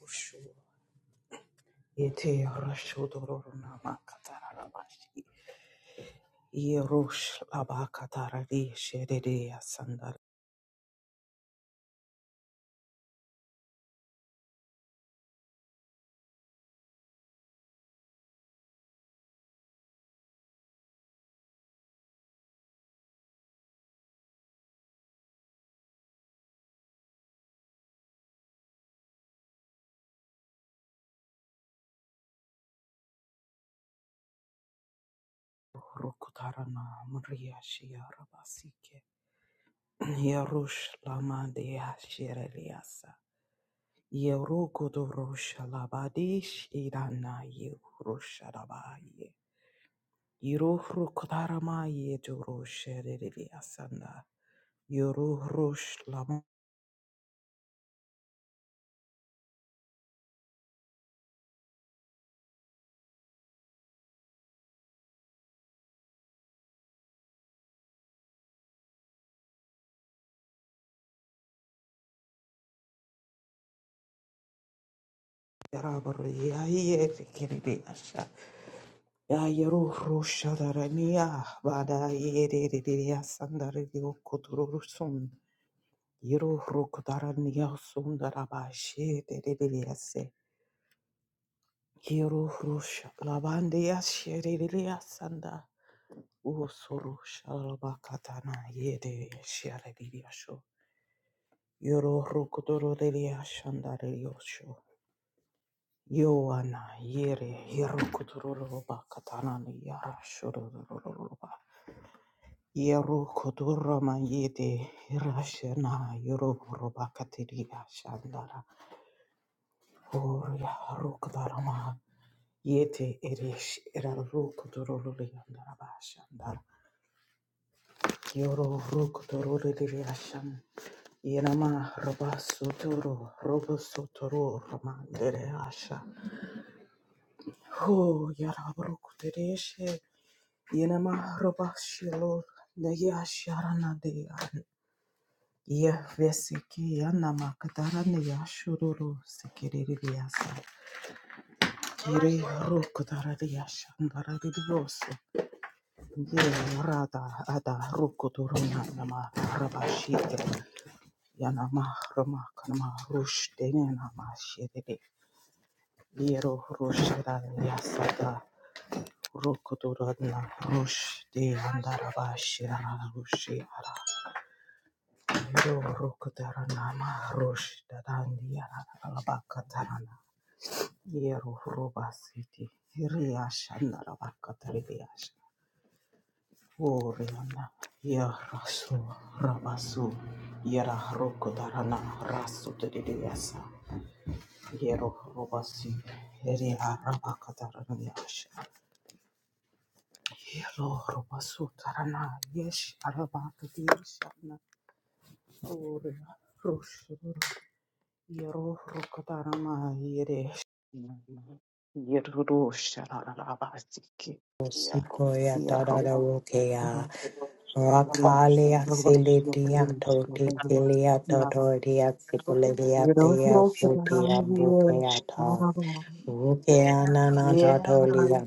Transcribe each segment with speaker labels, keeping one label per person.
Speaker 1: Rushu yete Rushu dororuna makatara rabashi Yerush Rush abakatara di şerede yasandar rukutara na mriya şiya rabasike Yerush Rush lama de şerede yasa ye rukudu Rush irana ye rabaye Yuruh rukutarama ye duru şerede yasanda Yuruh Rush lama Yarabarya yerekerebeyasha. Yayeruhrushadaraniya badayererereyasandariyokutururusun. Yeruhrukudaraniyasundarabashiderereyase. Yeruhrushalabandiyashererereyasanda. Usurushalabakatana yerereyasherereyasho. Yeruhrukudurudereyashandarereyosho. Yoana Yere Yerokudurba Katanani Yarashurba Yerokudurma Yede Hirashena Yoroba Katiria Shandara Oria Rukdarama Yete Erish Erarukuduruliandaraba Shandar Yoro Rukuduruliashan Yenama Robasuturu Robusuturu Ramandere Asha Ho Yarabrukudereshe Yenema roba shilo ne ya sharana de ya ye vesiki ya nama katara ne ya shururu sikiri de ya sa kiri ro katara shandara de ye rada ada ro kotoro na nama roba shite ya nama roma kanama rush de ne nama shite de ye ro rush da da ro kotoro na rush de andara ba shirana Yerohrokatarana Rosh Dadandi Alabakatarana Yero Roba City Riashana Rabakatariash Oriana Yerasu Rabasu Yera Rokotarana Rasu Tediasa Yero Roba City Ria Rabakatarana Yash Yero Robasu Tarana Yesh Arabakatiashana Oriana Yero rukatarama yere yero shararabasiki
Speaker 2: Sikoya
Speaker 1: yero
Speaker 2: dadada wokea
Speaker 1: yero
Speaker 2: rakalia
Speaker 1: abagaba
Speaker 2: silitia
Speaker 1: yokere shotaje
Speaker 2: totitilia
Speaker 1: yasara
Speaker 2: totoria sikulelia
Speaker 1: yero
Speaker 2: tia
Speaker 1: rukatarama
Speaker 2: kutia
Speaker 1: yere
Speaker 2: bukeata
Speaker 1: shararama
Speaker 2: wokea nana
Speaker 1: yero
Speaker 2: totolia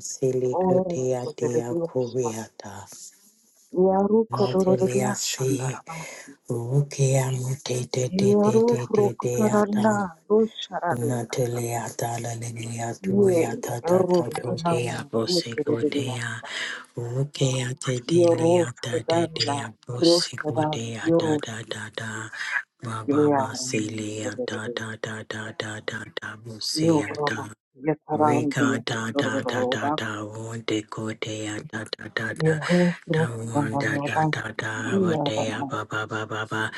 Speaker 1: ore
Speaker 2: silikutia tia
Speaker 1: kotererusa
Speaker 2: kuviata
Speaker 1: yero kotororiya
Speaker 2: matelia si
Speaker 1: shandarabasiki
Speaker 2: wokea mutete tete
Speaker 1: yero rukatarana
Speaker 2: tete
Speaker 1: rusharariyasa
Speaker 2: Natalia Dalalia Duya
Speaker 1: yero
Speaker 2: Tata
Speaker 1: rukatarama
Speaker 2: Totea Bosicotea
Speaker 1: yere
Speaker 2: Rukea
Speaker 1: Yoros
Speaker 2: Tedelia
Speaker 1: Dana,
Speaker 2: Tadea
Speaker 1: Rostadan,
Speaker 2: Bosicotea da
Speaker 1: Yoros
Speaker 2: da da da Baba
Speaker 1: Glearan,
Speaker 2: Basilia da da da da da da da
Speaker 1: Yoraba,
Speaker 2: Busia Rika
Speaker 1: Yetarandia,
Speaker 2: da da da da
Speaker 1: Yorobaba,
Speaker 2: da one de go de ya da da da da
Speaker 1: Yero,
Speaker 2: da
Speaker 1: Rostadan,
Speaker 2: one da da
Speaker 1: Yoban,
Speaker 2: da da ba de ya
Speaker 1: Yarama,
Speaker 2: ba ba ba ba ba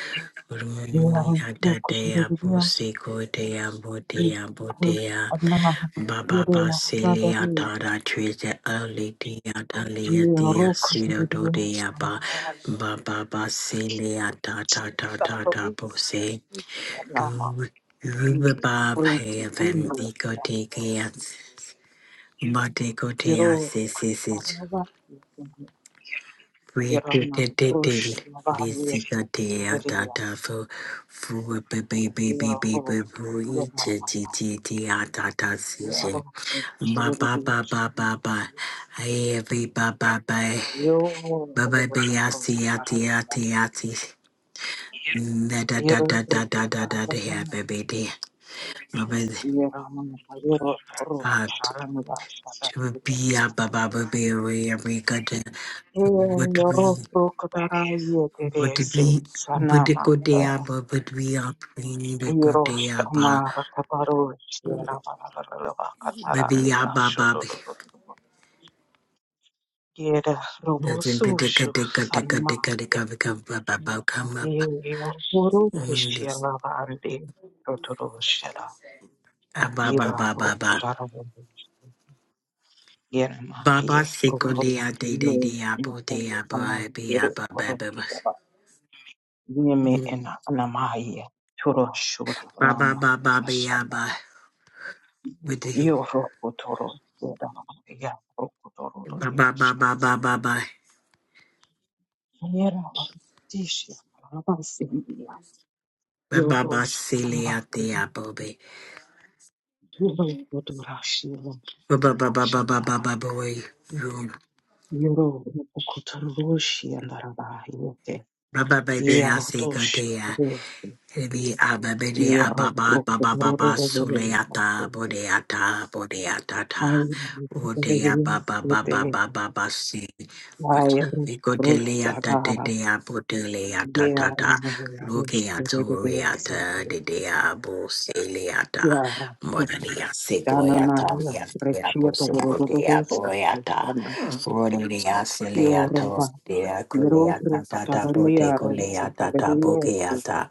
Speaker 2: Rumi
Speaker 1: Yaran,
Speaker 2: da da de ya bo
Speaker 1: Yukuturias,
Speaker 2: si go de ya bo de ya bo de
Speaker 1: Yus,
Speaker 2: ya
Speaker 1: Adna,
Speaker 2: ba ba
Speaker 1: Yere,
Speaker 2: ba sili ya
Speaker 1: Dadari,
Speaker 2: da da tree de early de ya da li ya de ya si do do de
Speaker 1: Yerokuturias,
Speaker 2: ya
Speaker 1: and
Speaker 2: ba ba ba ba sili ya da da da da da
Speaker 1: Daruk,
Speaker 2: bo si
Speaker 1: Adama,
Speaker 2: do Rubabab
Speaker 1: Yuriki,
Speaker 2: have an
Speaker 1: Imran,
Speaker 2: egotigias Bate kotea se
Speaker 1: Yororuk
Speaker 2: se se.
Speaker 1: Slava
Speaker 2: Rete
Speaker 1: Yarana
Speaker 2: te te te.
Speaker 1: Rush Slava
Speaker 2: Lisi katea
Speaker 1: Verilia
Speaker 2: tata fu. Fu be be be be be
Speaker 1: Yororuk
Speaker 2: be. Rete te
Speaker 1: Yadava
Speaker 2: te te atata season.
Speaker 1: Yororuk
Speaker 2: Ba ba ba ba ba ba. Hey every ba ba ba. Ba ba ba yati yati yati yati. Da da da da da
Speaker 1: Yororuk
Speaker 2: da da da da yeah, baby dear. Ba ba uh to be a ba ba ba ba ba ba ba ba ba. Bodhi Buddhikodeaba Budhviya ba
Speaker 1: Hiroshima Rakabaroshia
Speaker 2: Babiya
Speaker 1: Rabarabakatarania
Speaker 2: Baba
Speaker 1: Shodoroboro Yera
Speaker 2: Doesn't Deka
Speaker 1: Robosushu
Speaker 2: Deka Deka Deka Deka
Speaker 1: Sanamaya
Speaker 2: Vika Baba ba come up
Speaker 1: Yehoro
Speaker 2: on
Speaker 1: Kishia Lavandi Rotoroshera
Speaker 2: ba ba
Speaker 1: Yera
Speaker 2: ba ba
Speaker 1: Rokotarabush Yenama
Speaker 2: Baba
Speaker 1: Ye
Speaker 2: Sikodea De De
Speaker 1: Rokotari
Speaker 2: De Abo De Abo Abia Ba Ba
Speaker 1: Yoro
Speaker 2: Ba Ba.
Speaker 1: Shera Yeme and Anamaya Turoshura
Speaker 2: Baba
Speaker 1: Lama
Speaker 2: ba ba ba ba
Speaker 1: Yashamara
Speaker 2: Budhi
Speaker 1: Io rocco toro era Maria rocco toro di
Speaker 2: Baba ba ba ba
Speaker 1: Ashans.
Speaker 2: Ba Ba.
Speaker 1: Era Artisha Rabasilia. Io
Speaker 2: Baba ba
Speaker 1: rosh
Speaker 2: Silia
Speaker 1: Rabako.
Speaker 2: De Abo Be.
Speaker 1: Io rocco torashila
Speaker 2: Baba
Speaker 1: di
Speaker 2: ba ba ba Ba Ba
Speaker 1: Ashandara.
Speaker 2: Ba Boy
Speaker 1: Io rocco toroshi andarabaiote.
Speaker 2: Baba baby,
Speaker 1: Io
Speaker 2: I say good
Speaker 1: rotosh.
Speaker 2: day. Ebi ababede
Speaker 1: Io
Speaker 2: ababa
Speaker 1: rocco
Speaker 2: baba baba
Speaker 1: toro di
Speaker 2: suleata
Speaker 1: Ashans.
Speaker 2: bodeata bodeata ta
Speaker 1: Ai rocco toro
Speaker 2: rodea
Speaker 1: di
Speaker 2: baba baba
Speaker 1: Ashans.
Speaker 2: baba basi
Speaker 1: Ai
Speaker 2: vikoteleata
Speaker 1: rocco
Speaker 2: tetea poteleata
Speaker 1: Yeah, I
Speaker 2: tata
Speaker 1: mean, I wish that it is do
Speaker 2: lukeatoriata
Speaker 1: good-
Speaker 2: dedea boseleata
Speaker 1: yeah, okay.
Speaker 2: modania
Speaker 1: Dana
Speaker 2: segoyata
Speaker 1: Maria,
Speaker 2: miatea
Speaker 1: Rechia
Speaker 2: bosepotea
Speaker 1: Pavarododos,
Speaker 2: boyata
Speaker 1: Kitana,
Speaker 2: rodea seleato
Speaker 1: Yoruba,
Speaker 2: dea
Speaker 1: Yerotro,
Speaker 2: coleata tata bote
Speaker 1: Katavania, Rosi,
Speaker 2: coleata
Speaker 1: Vedia,
Speaker 2: ta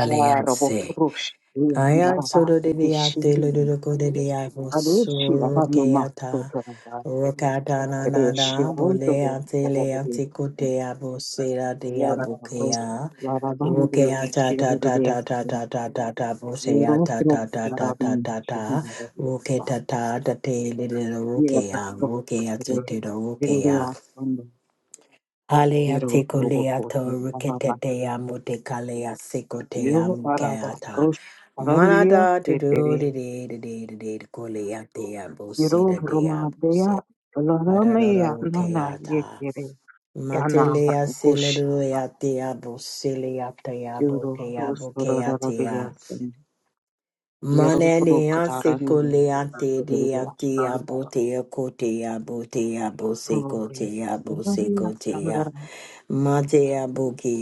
Speaker 1: Arabo Frush, Yaraba,
Speaker 2: Ayansoro de
Speaker 1: Kishi,
Speaker 2: diate luduko de diabo
Speaker 1: Adeshi, Abanama,
Speaker 2: surukeyata.
Speaker 1: Totaraba,
Speaker 2: Rokata
Speaker 1: Adeshi,
Speaker 2: nanada
Speaker 1: Odo,
Speaker 2: bole antele antikote abo sera
Speaker 1: Yaraba,
Speaker 2: diabukea.
Speaker 1: Yarabandu,
Speaker 2: Rokeata ta ta ta ta ta
Speaker 1: Shiri,
Speaker 2: ta ta ta ta
Speaker 1: Yo
Speaker 2: bosea ta
Speaker 1: creo
Speaker 2: ta ta
Speaker 1: que
Speaker 2: ta
Speaker 1: para
Speaker 2: ta
Speaker 1: mí
Speaker 2: ta
Speaker 1: es un
Speaker 2: ta.
Speaker 1: maravilloso.
Speaker 2: Roketa ta ta te little
Speaker 1: Y es
Speaker 2: rokea.
Speaker 1: nuestro
Speaker 2: Rokea te
Speaker 1: poder.
Speaker 2: te
Speaker 1: Viene
Speaker 2: rokea.
Speaker 1: bastante.
Speaker 2: Halea
Speaker 1: Quiero
Speaker 2: tiko lea
Speaker 1: provocar
Speaker 2: to
Speaker 1: para
Speaker 2: rikete dea
Speaker 1: bastante.
Speaker 2: mute kalea siko dea
Speaker 1: Yo para
Speaker 2: mukeata.
Speaker 1: bastante. Para el día
Speaker 2: Manada to
Speaker 1: se te
Speaker 2: do de
Speaker 1: ve.
Speaker 2: de de de de de kolea dea bose
Speaker 1: Quiero
Speaker 2: da dea bose.
Speaker 1: romadea. Lo dame
Speaker 2: Adadada
Speaker 1: ya. No, no, ye
Speaker 2: ukeata.
Speaker 1: quiere. Ya no,
Speaker 2: Matelea
Speaker 1: rocuche.
Speaker 2: siladea dea bose lea dea
Speaker 1: Quiero
Speaker 2: bokea bokea dea. Mananea siko lea te dea dea botea kotea botea bose kotea bose kotea. Matea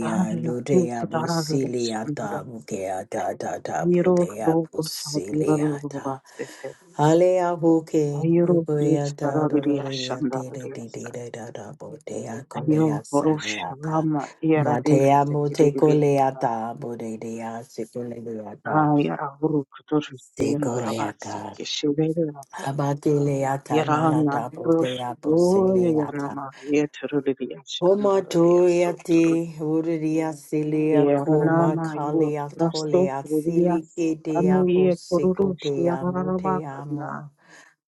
Speaker 1: Ahora
Speaker 2: lutea
Speaker 1: kutara rusura
Speaker 2: busiliata, bukea da da da,
Speaker 1: yero
Speaker 2: budea
Speaker 1: roko sadira
Speaker 2: busiliata.
Speaker 1: rubasete
Speaker 2: Alea buke,
Speaker 1: ayero
Speaker 2: ugoyata,
Speaker 1: rustara
Speaker 2: dororea,
Speaker 1: riyashanda
Speaker 2: dide,
Speaker 1: riyasa
Speaker 2: dide, da da, budea
Speaker 1: ayo
Speaker 2: colea,
Speaker 1: horosha
Speaker 2: saneaka.
Speaker 1: vama yara
Speaker 2: Matea
Speaker 1: bese
Speaker 2: mute
Speaker 1: kiribiriyasa
Speaker 2: coleata, budea, siculeata,
Speaker 1: ayara huru kutur yena rabasi
Speaker 2: secoeaca.
Speaker 1: keshiveriyasa
Speaker 2: Abatileata,
Speaker 1: yara na
Speaker 2: nanata,
Speaker 1: rush
Speaker 2: budea,
Speaker 1: loya yana
Speaker 2: busiliata.
Speaker 1: ma yeturu riyashanda
Speaker 2: Homa
Speaker 1: riyaso turu
Speaker 2: doyati uriya silia
Speaker 1: yara
Speaker 2: ko
Speaker 1: nama yo
Speaker 2: makalia
Speaker 1: rasto
Speaker 2: tolia
Speaker 1: riyas
Speaker 2: silike
Speaker 1: ano
Speaker 2: deabo
Speaker 1: ye
Speaker 2: siko
Speaker 1: kururu shiyara
Speaker 2: deamo
Speaker 1: rabaka
Speaker 2: teamo.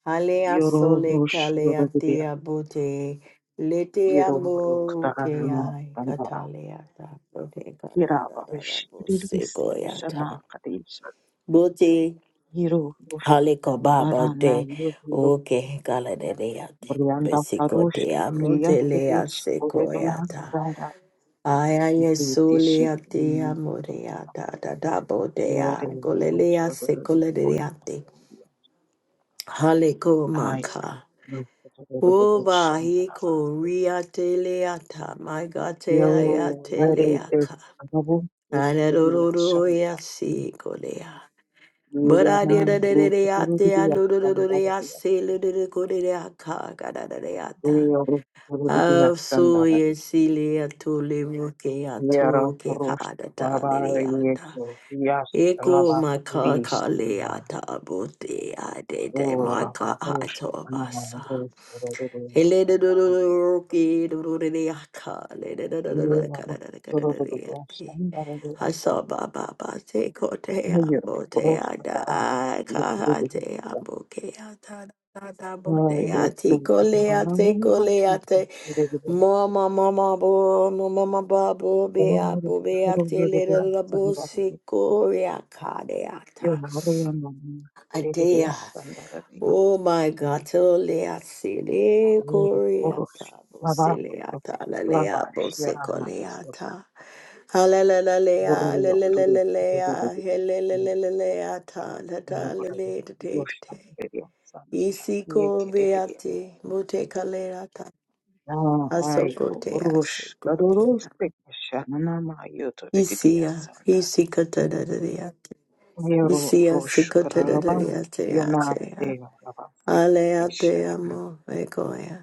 Speaker 2: Alea
Speaker 1: Yoro
Speaker 2: sole
Speaker 1: rosh
Speaker 2: kalea
Speaker 1: rododea,
Speaker 2: deabo te lete
Speaker 1: yero moro
Speaker 2: amo
Speaker 1: katarana
Speaker 2: keai
Speaker 1: sandara,
Speaker 2: katalea ta bote
Speaker 1: yeraba
Speaker 2: katadada bo
Speaker 1: vishikirisi
Speaker 2: siko
Speaker 1: shana
Speaker 2: yata.
Speaker 1: kadesha,
Speaker 2: Bote
Speaker 1: yero rosh
Speaker 2: haliko baba
Speaker 1: barana
Speaker 2: te
Speaker 1: yoro rosh,
Speaker 2: oke kaladea te
Speaker 1: brianda
Speaker 2: besiko
Speaker 1: parosh,
Speaker 2: deamo
Speaker 1: bria
Speaker 2: te lea
Speaker 1: kedesh,
Speaker 2: siko
Speaker 1: koreria
Speaker 2: yata.
Speaker 1: sandara,
Speaker 2: Ayaya
Speaker 1: yidritishi,
Speaker 2: solia dea morea da da da bo
Speaker 1: yere
Speaker 2: dea
Speaker 1: rosh
Speaker 2: golelea secolerea de
Speaker 1: rododea,
Speaker 2: haleko
Speaker 1: ayra,
Speaker 2: maka.
Speaker 1: rosh rododea,
Speaker 2: Oba hiko
Speaker 1: shandara
Speaker 2: ria teleata, my god telea
Speaker 1: Yo, hare te
Speaker 2: teleaka.
Speaker 1: anabu utruvila
Speaker 2: Anadoro ya
Speaker 1: shandara.
Speaker 2: si golea. But I did
Speaker 1: Mirana
Speaker 2: a deate and
Speaker 1: rukuturuvila
Speaker 2: do do
Speaker 1: shandara diyase.
Speaker 2: de godeaka,
Speaker 1: Yo rukuturuvila shandara
Speaker 2: Asuye
Speaker 1: diyase.
Speaker 2: silia tuli muke
Speaker 1: Yara
Speaker 2: atu ke
Speaker 1: kurush
Speaker 2: kadata
Speaker 1: baba
Speaker 2: liriata.
Speaker 1: yeke yas
Speaker 2: Eko
Speaker 1: lava
Speaker 2: maka
Speaker 1: katiris.
Speaker 2: kaleata bote adede
Speaker 1: Yo
Speaker 2: maka
Speaker 1: raba rush
Speaker 2: hato
Speaker 1: anana
Speaker 2: basa.
Speaker 1: rukuturuvila
Speaker 2: Hele de do do
Speaker 1: shandara
Speaker 2: do
Speaker 1: diyase.
Speaker 2: roki do do de yaka le de do do do do
Speaker 1: Yo
Speaker 2: kada da da kada da da
Speaker 1: rukuturuvila
Speaker 2: yati.
Speaker 1: shandara diyase. Yo rukuturuvila shandara diyase.
Speaker 2: Hasoba Baba Hasobababate kote ambote ada kahate amboke ata ata
Speaker 1: I have been
Speaker 2: bote ati
Speaker 1: to
Speaker 2: kole ate
Speaker 1: many places.
Speaker 2: kole ate
Speaker 1: I have been
Speaker 2: mama mama bo mama mama babo
Speaker 1: to
Speaker 2: be
Speaker 1: many
Speaker 2: abo
Speaker 1: places.
Speaker 2: be
Speaker 1: I have
Speaker 2: ate lera bo
Speaker 1: been
Speaker 2: siko ya kade
Speaker 1: to many places. I
Speaker 2: ata
Speaker 1: have been to many places.
Speaker 2: adea Oh my God, tolea sile coriata,
Speaker 1: I have
Speaker 2: bosileata, lalea, bosecoleata. Hallelujah, hallelujah, hallelujah, ta ta ta le te te te te. Isi
Speaker 1: been
Speaker 2: ko
Speaker 1: to
Speaker 2: beate, mute kalera ta, asoko te aseko te.
Speaker 1: many
Speaker 2: Isia,
Speaker 1: places.
Speaker 2: isi kata da da da
Speaker 1: Nero
Speaker 2: Isia, si
Speaker 1: rosh
Speaker 2: kata da da
Speaker 1: karalaban
Speaker 2: te ate
Speaker 1: yanase
Speaker 2: ya.
Speaker 1: rabasi
Speaker 2: Ale ate
Speaker 1: disheran
Speaker 2: amo, eko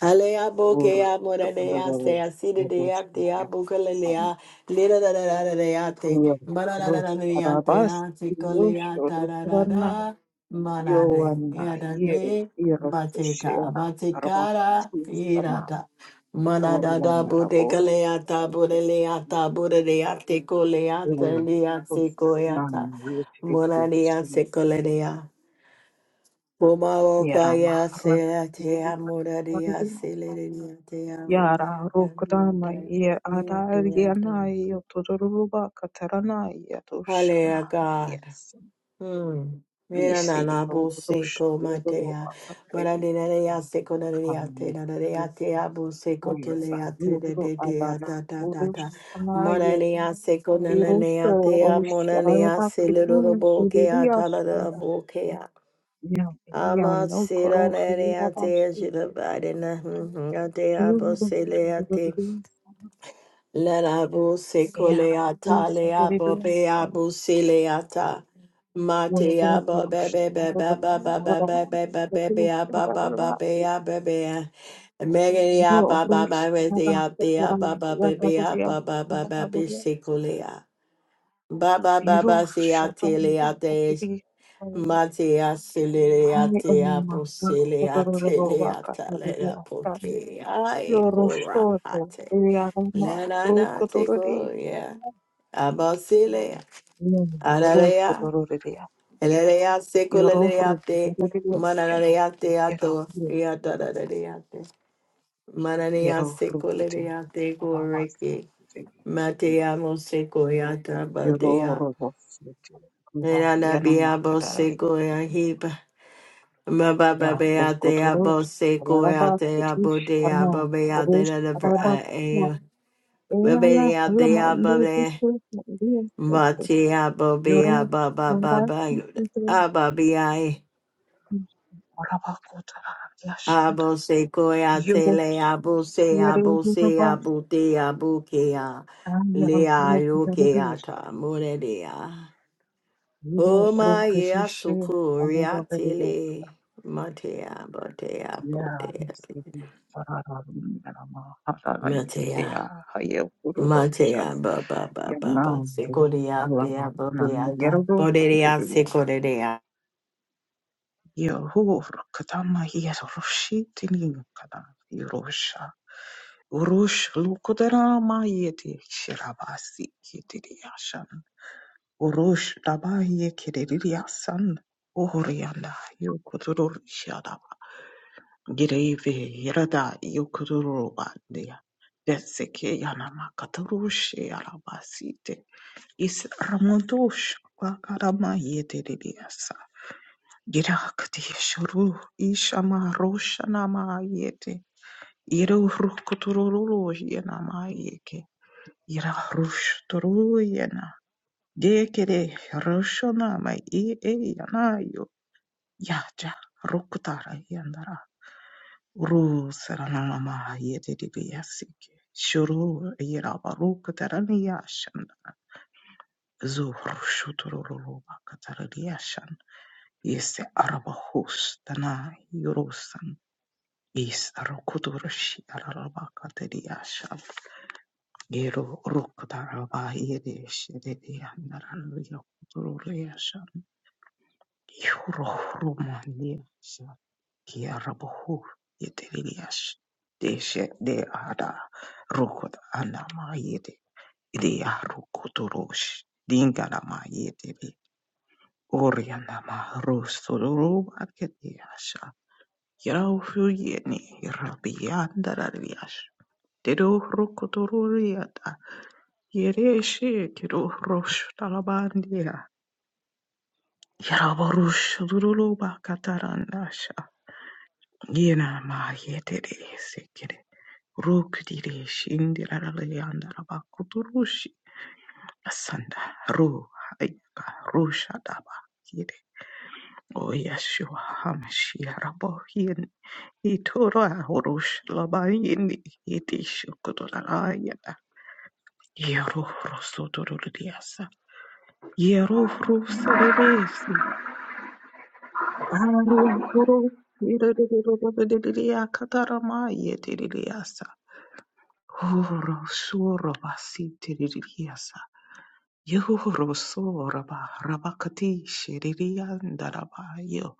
Speaker 2: Alea
Speaker 1: ur
Speaker 2: bokea moranea
Speaker 1: kabaralo
Speaker 2: se asiri dea
Speaker 1: yabosh
Speaker 2: te a
Speaker 1: yasan
Speaker 2: bukalelea lira da da da da dea te
Speaker 1: ir
Speaker 2: mana da da
Speaker 1: rosh
Speaker 2: da dea te
Speaker 1: karabas
Speaker 2: a se
Speaker 1: yosh
Speaker 2: kolea ta da da
Speaker 1: rokarana
Speaker 2: da mana de
Speaker 1: yoana
Speaker 2: ya da manade, yada
Speaker 1: yere
Speaker 2: de bateka
Speaker 1: irotushera
Speaker 2: batekara
Speaker 1: rabakati
Speaker 2: ira
Speaker 1: sana
Speaker 2: da mana
Speaker 1: ur
Speaker 2: da da
Speaker 1: yana
Speaker 2: bute
Speaker 1: raboro
Speaker 2: kalea ta bure lea ta bure dea te kolea te
Speaker 1: yoanna
Speaker 2: lea se
Speaker 1: rosh
Speaker 2: koea
Speaker 1: nan
Speaker 2: ta mora dea
Speaker 1: yotividigashin
Speaker 2: se kolea Kumaro kaya
Speaker 1: yaramahra
Speaker 2: se ate amura di asile di ate audi
Speaker 1: Yara
Speaker 2: ata ata
Speaker 1: Rukramaya
Speaker 2: ate ate.
Speaker 1: Adaryanaya Tururuba Kataranaya
Speaker 2: Hallelujah,
Speaker 1: Dushanamaya
Speaker 2: God. Hmm. Mira na
Speaker 1: Yisi
Speaker 2: na bo se
Speaker 1: Rush
Speaker 2: ko matea.
Speaker 1: Tururuba
Speaker 2: Mara
Speaker 1: Katari
Speaker 2: de na di ase ko na di ate
Speaker 1: Kamaya
Speaker 2: na na di ate abu se ko te le ate de
Speaker 1: Banduru
Speaker 2: de de
Speaker 1: Adana
Speaker 2: ata ta ta
Speaker 1: Urush
Speaker 2: ta. Mara
Speaker 1: Anaya
Speaker 2: di ase ko na le
Speaker 1: Iruso
Speaker 2: ya te ya mo na di ate amuna di
Speaker 1: Usharada
Speaker 2: asile do do
Speaker 1: Kitun
Speaker 2: bo ke
Speaker 1: Iriya
Speaker 2: ata la do
Speaker 1: Shanda
Speaker 2: bo ke ya.
Speaker 1: Yan
Speaker 2: I'm a
Speaker 1: Yan
Speaker 2: sira
Speaker 1: Okoro
Speaker 2: nere ate
Speaker 1: Yavashi
Speaker 2: jira barina ate abo
Speaker 1: Yudus
Speaker 2: sele
Speaker 1: Tururuba
Speaker 2: ate larabu sekole ata le abo be
Speaker 1: Yara
Speaker 2: abo sele ata mate abo be be be be be be be be be be be be abo be be be abo be Megeri aba ba ba rezi abe aba ba be be aba ba ba be sekole a ba ba ba ba se ate Matea Celeria Tea Brucelia Telea Talera Poke Ae Cora Hate Lanana Teco yeah Abasile Ararea Elea Secularia Te Manarea Teato Riatadariate Manania
Speaker 1: Yellow fruit
Speaker 2: Secularia Te
Speaker 1: Rabasi
Speaker 2: Goreki Matea Mosecoyata
Speaker 1: Yellow
Speaker 2: Badea
Speaker 1: Robos Kuba
Speaker 2: Nana
Speaker 1: Yana
Speaker 2: Biabo
Speaker 1: Makadari
Speaker 2: Secoya Oh
Speaker 1: Ya
Speaker 2: my
Speaker 1: Rukuturus Rabas Tish Arna Kurus Rabas no, Ela Lamandu Husku Yoro Rabasi Rabakota Yashanda Yoro Yere Rabas and Yellow Rubis Vivo
Speaker 2: yeah,
Speaker 1: Rufesishe
Speaker 2: sukuria
Speaker 1: Amadabede
Speaker 2: tele, matea, botea, botea,
Speaker 1: Yamasidi Farama
Speaker 2: matea.
Speaker 1: Harayandea Hayakurusha
Speaker 2: Matea ba ba ba ba ba
Speaker 1: Yanambu
Speaker 2: sekorea dea
Speaker 1: Alamakana
Speaker 2: bobeata
Speaker 1: Yerodo
Speaker 2: boderea
Speaker 1: Suridias
Speaker 2: sekorea.
Speaker 1: Yahur Katama Yerushi Tininkana Yerusha Urush Lukudarama Yeti Shirabasi Kitiriashan Urush Rabaye Kiririasan Ohurianda Yokuturusha Gireve yarada yokurubandea. Deseke yanama katarushe arabasite. Is ramodosh bakarama yeteriasa. Girakati shuru ishama roshanama yete. Iru rukutururu yanama yeke. Ira rush turu yana. Dekere roshanama e e yanayo. Yaja rukutara Ru saranama yedidiyasike. Shuru yirabaru kataraniyashan. Zuhru shutururu bakatariyashan. Yese arabahus dana yurusan. Is arukudurushi araraba katariyashan. Yeru rukudaraba yedish yedidiyandaran yukutururiyashan. Yuru rumandiyashan. Kiarabohu yeterilias deshe de ada rukot anama yete idea rukuturush dinganama yete de orianama rusturu aketiasha yarauhu yeni rabiandararias dedo rukutururiata yereshe kiro rosh talabandia yaraborush duruluba kataranasha Yena ma yetere Rukdiri Shindirayandara Bakuturushi Asanda Ru Hayaka Rushadaba Hide Oyashua Hamashiarabo Yin Itura Urush Labayini Itishu Kuturayada Yeru Rusuturiasa Yeru Ruseresi Aria Turu Iridia Katarama Yetiriasa Uru Suro Basitiriasa Yoro so raba rabakati shiririanda rabayo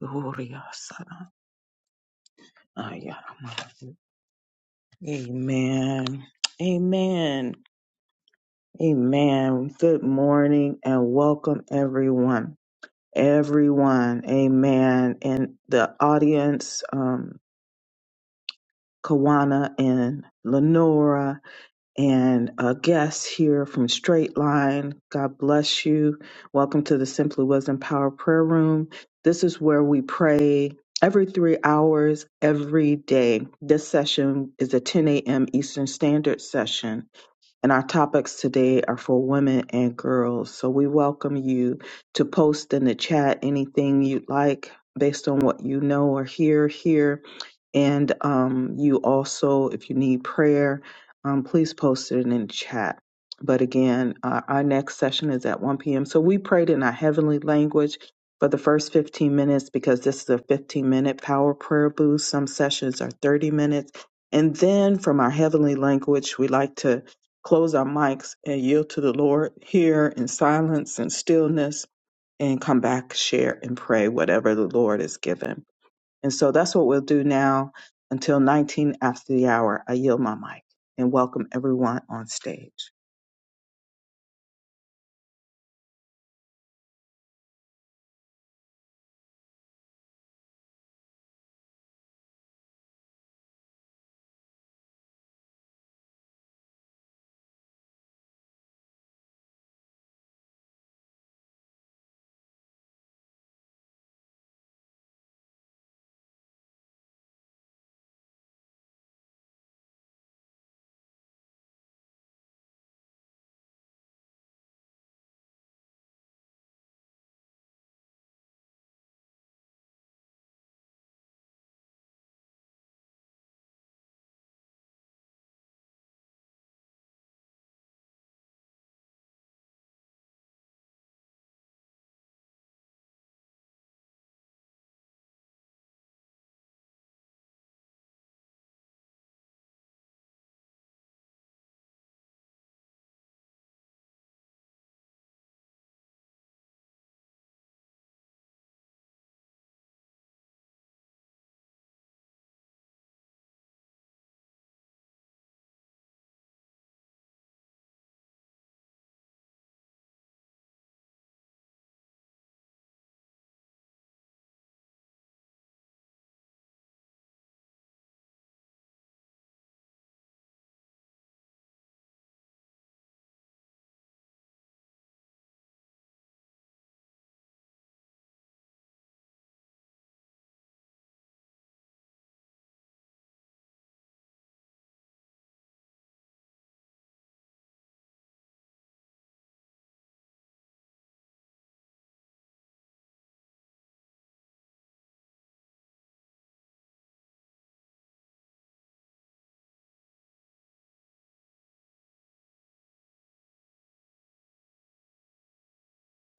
Speaker 1: gloria sana ayama. Amen. Amen. Amen. Good morning and welcome everyone. Everyone. Amen. And the audience, um, Kawana and Lenora and a guest here from Straight Line. God bless you. Welcome to the Simply Wisdom Power Prayer Room. This is where we pray every three hours, every day. This session is a 10 a.m. Eastern Standard session, and our topics today are for women and girls. So we welcome you to post in the chat anything you'd like based on what you know or hear here and um, you also, if you need prayer, um, please post it in the chat. But again, uh, our next session is at 1 p.m. So we prayed in our heavenly language for the first 15 minutes because this is a 15 minute power prayer boost. Some sessions are 30 minutes. And then from our heavenly language, we like to close our mics and yield to the Lord here in silence and stillness and come back, share, and pray whatever the Lord has given. And so that's what we'll do now until 19 after the hour. I yield my mic and welcome everyone on stage.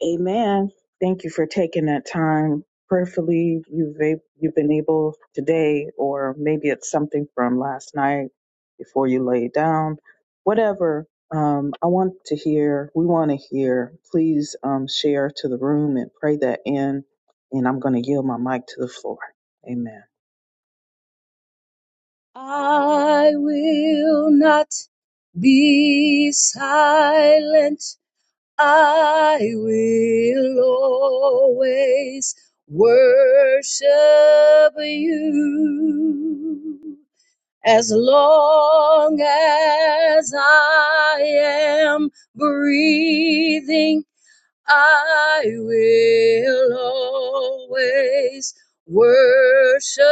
Speaker 1: Amen. Thank you for taking that time. Prayerfully, you've a- you've been able today, or maybe it's something from last night before you lay down. Whatever. Um, I want to hear. We want to hear. Please um, share to the room and pray that in. And I'm going to yield my mic to the floor. Amen.
Speaker 3: I will not be silent. I will always worship you. As long as I am breathing, I will always worship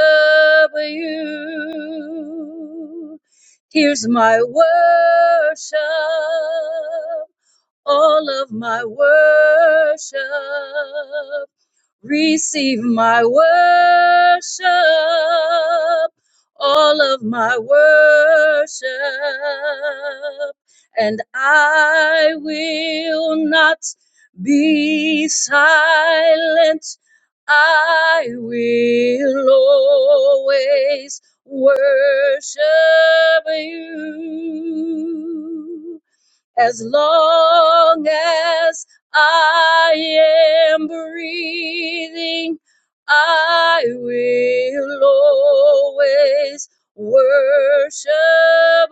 Speaker 3: you. Here's my worship, all of my worship. Receive my worship, all of my worship, and I will not be silent. I will always worship you as long as I am breathing, I will always worship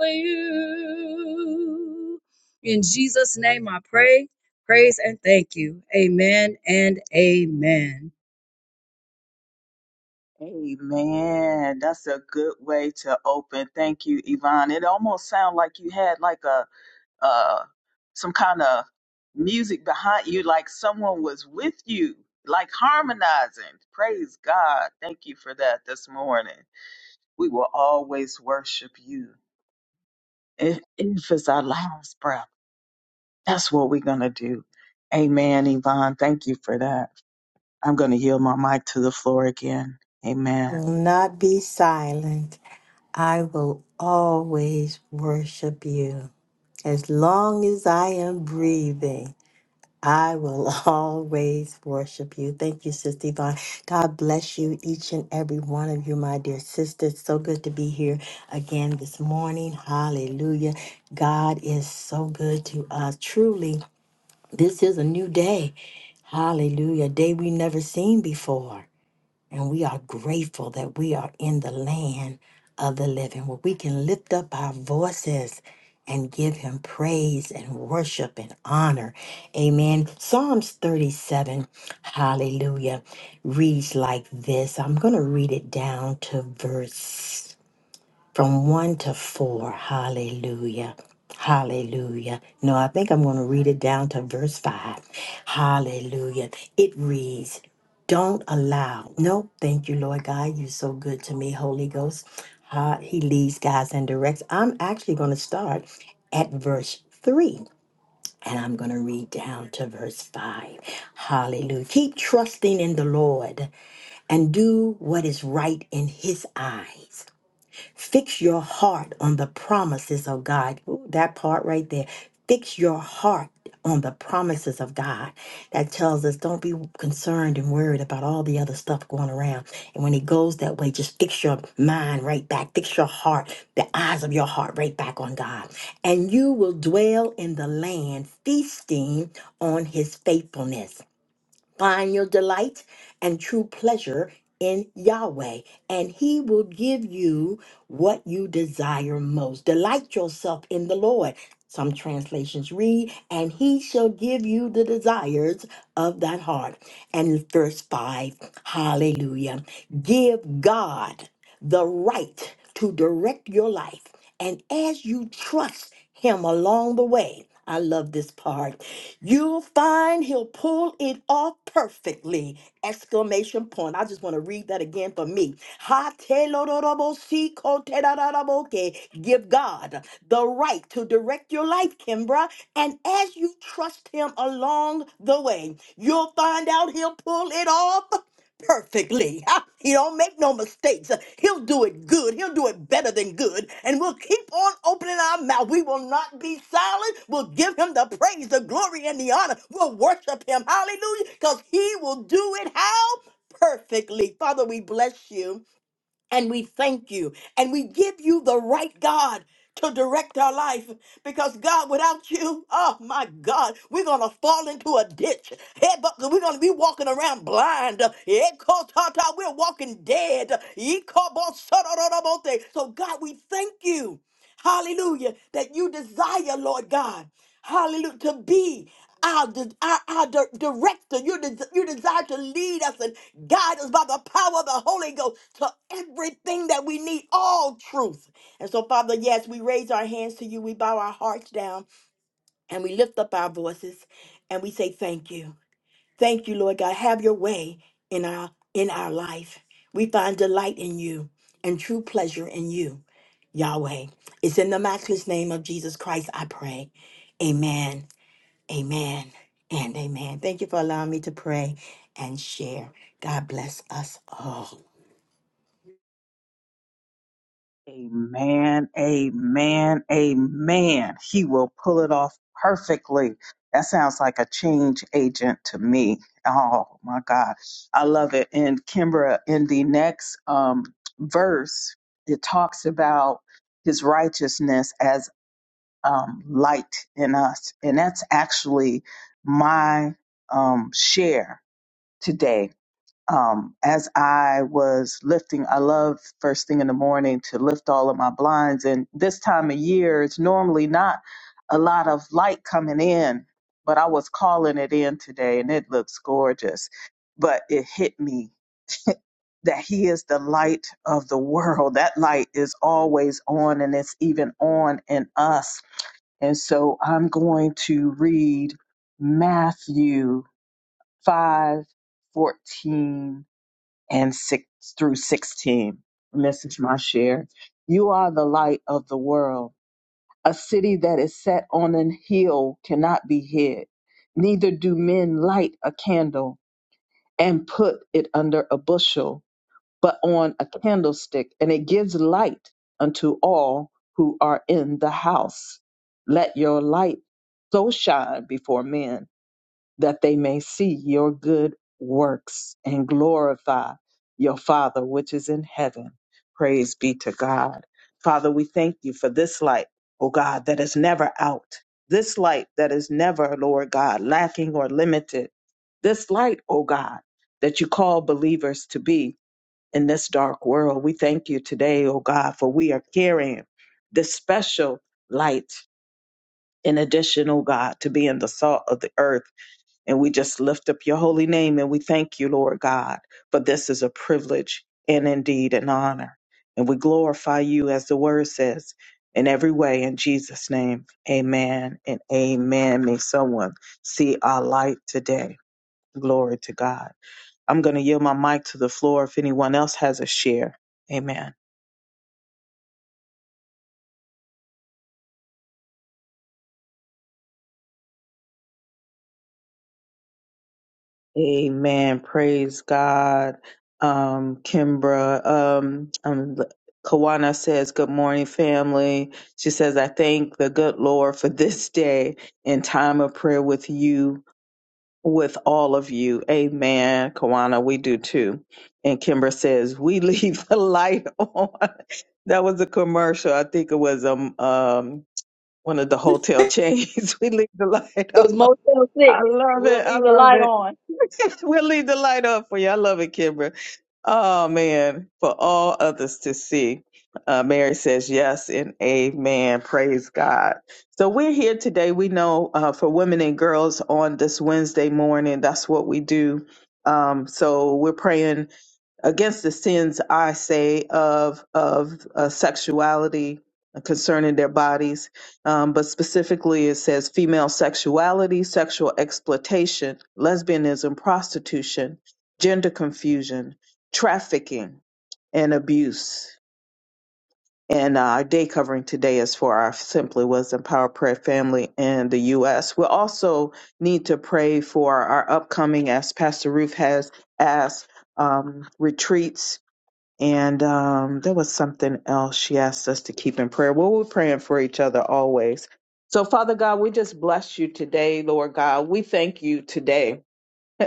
Speaker 3: you. In Jesus' name I pray, praise, and thank you. Amen and amen.
Speaker 1: Amen. That's a good way to open. Thank you, Yvonne. It almost sounded like you had like a uh some kind of music behind you, like someone was with you, like harmonizing. Praise God. Thank you for that this morning. We will always worship you. If, if it's our last breath, that's what we're gonna do. Amen, Yvonne. Thank you for that. I'm gonna yield my mic to the floor again. Amen.
Speaker 2: Will not be silent. I will always worship you. As long as I am breathing, I will always worship you. Thank you, Sister Yvonne. God bless you, each and every one of you, my dear sisters. So good to be here again this morning. Hallelujah. God is so good to us. Truly, This is a new day. Hallelujah. A day we never seen before. And we are grateful that we are in the land of the living where we can lift up our voices and give him praise and worship and honor. Amen. Psalms 37, hallelujah, reads like this. I'm going to read it down to verse from 1 to 4. Hallelujah. Hallelujah. No, I think I'm going to read it down to verse 5. Hallelujah. It reads, Don't allow. No, thank you, Lord God. You're so good to me, Holy Ghost. Ha- He leads, guides, and directs. I'm actually going to start at verse 3. And I'm going to read down to verse 5. Hallelujah. Keep trusting in the Lord and do what is right in His eyes. Fix your heart on the promises of God. Ooh, that part right there. Fix your heart on the promises of God. That tells us don't be concerned and worried about all the other stuff going around. And when it goes that way, just fix your mind right back. Fix your heart, the eyes of your heart right back on God. And you will dwell in the land, feasting on his faithfulness. Find your delight and true pleasure in Yahweh, and He will give you what you desire most. Delight yourself in the Lord. Some translations read, and He shall give you the desires of that heart. And verse 5, hallelujah. Give God the right to direct your life. And as you trust Him along the way, I love this part You'll find he'll pull it off perfectly. Exclamation point. I just want to read that again for me. Ha te lo ro ro bo si ko te ra ra ra bo ke. Give God the right to direct your life, Kimbra. And as you trust him along the way, you'll find out he'll pull it off perfectly. Ha! He don't make no mistakes. He'll do it good. He'll do it better than good. And we'll keep on opening our mouth. We will not be silent. We'll give him the praise, the glory, and the honor. We'll worship him. Hallelujah. Because he will do it how? Perfectly. Father, we bless you and we thank you and we give you the right God to direct our life because God, without you, oh my God, we're gonna fall into a ditch. Head bu- We're gonna be walking around blind. Eh, ko ta ta, We're walking dead. Ye ko bo so do do do bo te. So, God, we thank you. Hallelujah. That you desire, Lord God. Hallelujah. To be our, di- our, our di- director. You, des- you desire to lead us and guide us by the power of the Holy Ghost to everything that we need, all truth. And so, Father, yes, we raise our hands to you. We bow our hearts down and we lift up our voices and we say, Thank you. Thank you, Lord God. Have your way in our in our life. We find delight in you and true pleasure in you, Yahweh. It's in the matchless name of Jesus Christ I pray. Amen. Amen. And amen. Thank you for allowing me to pray and share. God bless us all.
Speaker 1: Amen, amen, amen. He will pull it off perfectly. That sounds like a change agent to me. Oh my God. I love it. And Kimbra, in the next um, verse, it talks about his righteousness as um, light in us. And that's actually my um, share today. Um, as I was lifting, I love first thing in the morning to lift all of my blinds. And this time of year, it's normally not a lot of light coming in, but I was calling it in today and it looks gorgeous. But it hit me that He is the light of the world. That light is always on and it's even on in us and so I'm going to read Matthew 5 14 and 6 through 16. Message my share. You are the light of the world. A city that is set on an hill cannot be hid. Neither do men light a candle and put it under a bushel but on a candlestick, and it gives light unto all who are in the house. Let your light so shine before men that they may see your good works and glorify your Father which is in heaven. Praise be to God. Father, we thank you for this light, oh God, that is never out. This light that is never, Lord God, lacking or limited. This light, oh God, that you call believers to be in this dark world. We thank you today, oh God, for we are carrying this special light in addition, oh God, to being the salt of the earth. And we just lift up your holy name and we thank you, Lord God, for this is a privilege and indeed an honor. And we glorify you as the word says in every way in Jesus' name. Amen and amen. May someone see our light today. Glory to God. I'm going to yield my mic to the floor if anyone else has a share. Amen. Amen. Praise God. Um, Kimbra, um, um, Kawana says, Good morning, family. She says, I thank the good Lord for this day and time of prayer with you, with all of you. Amen. Kawana, we do too. And Kimbra says, We leave the light on. That was a commercial. I think it was um, um one of the hotel chains. We leave the light
Speaker 3: It was
Speaker 1: up.
Speaker 3: Motel
Speaker 1: I
Speaker 3: 6.
Speaker 1: love
Speaker 3: We'll
Speaker 1: it. I
Speaker 3: leave the
Speaker 1: love
Speaker 3: light
Speaker 1: it.
Speaker 3: on.
Speaker 1: we'll leave the light up for you. I love it, Kimbra. Oh man, for all others to see. Uh, Mary says yes and amen. Praise God. So we're here today. We know uh, for women and girls on this Wednesday morning, that's what we do. Um, so we're praying against the sins I say of of uh, sexuality concerning their bodies, um, but specifically it says female sexuality, sexual exploitation, lesbianism, prostitution, gender confusion, trafficking, and abuse. And uh, our day covering today is for our Simply Wisdom Power Prayer family in the U.S. We'll also need to pray for our upcoming, as Pastor Ruth has asked, um, retreats and um, there was something else she asked us to keep in prayer. Well, we're praying for each other always. So, Father God, we just bless you today, Lord God. We thank you today.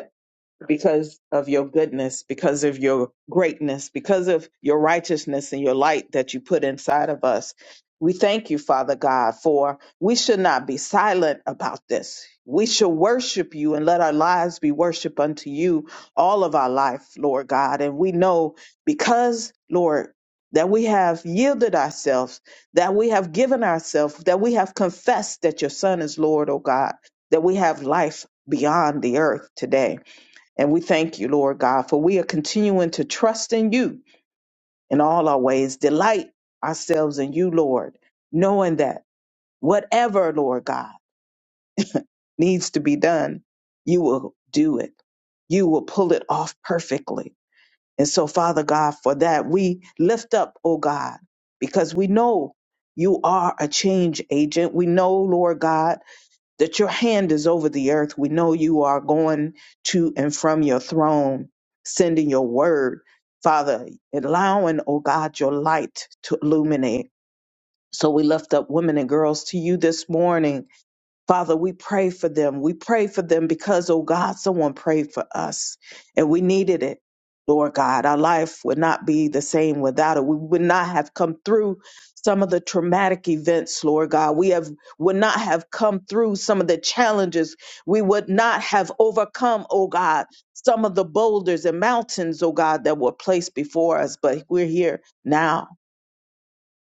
Speaker 1: because of your goodness, because of your greatness, because of your righteousness and your light that you put inside of us. We thank you, Father God, for we should not be silent about this. We should worship you and let our lives be worship unto you all of our life, Lord God. And we know because, Lord, that we have yielded ourselves, that we have given ourselves, that we have confessed that your Son is Lord, O God, that we have life beyond the earth today. And we thank you, Lord God, for we are continuing to trust in you in all our ways, delight ourselves in you, Lord, knowing that whatever, Lord God, needs to be done, you will do it. You will pull it off perfectly. And so, Father God, for that, we lift up, oh God, because we know you are a change agent. We know, Lord God, that your hand is over the earth. We know you are going to and from your throne, sending your word, Father, allowing, oh God, your light to illuminate. So we lift up women and girls to you this morning Father, we pray for them. We pray for them because, oh God, someone prayed for us and we needed it. Lord God, our life would not be the same without it. We would not have come through some of the traumatic events, Lord God. We have would not have come through some of the challenges. We would not have overcome, oh God, some of the boulders and mountains, oh God, that were placed before us. But we're here now.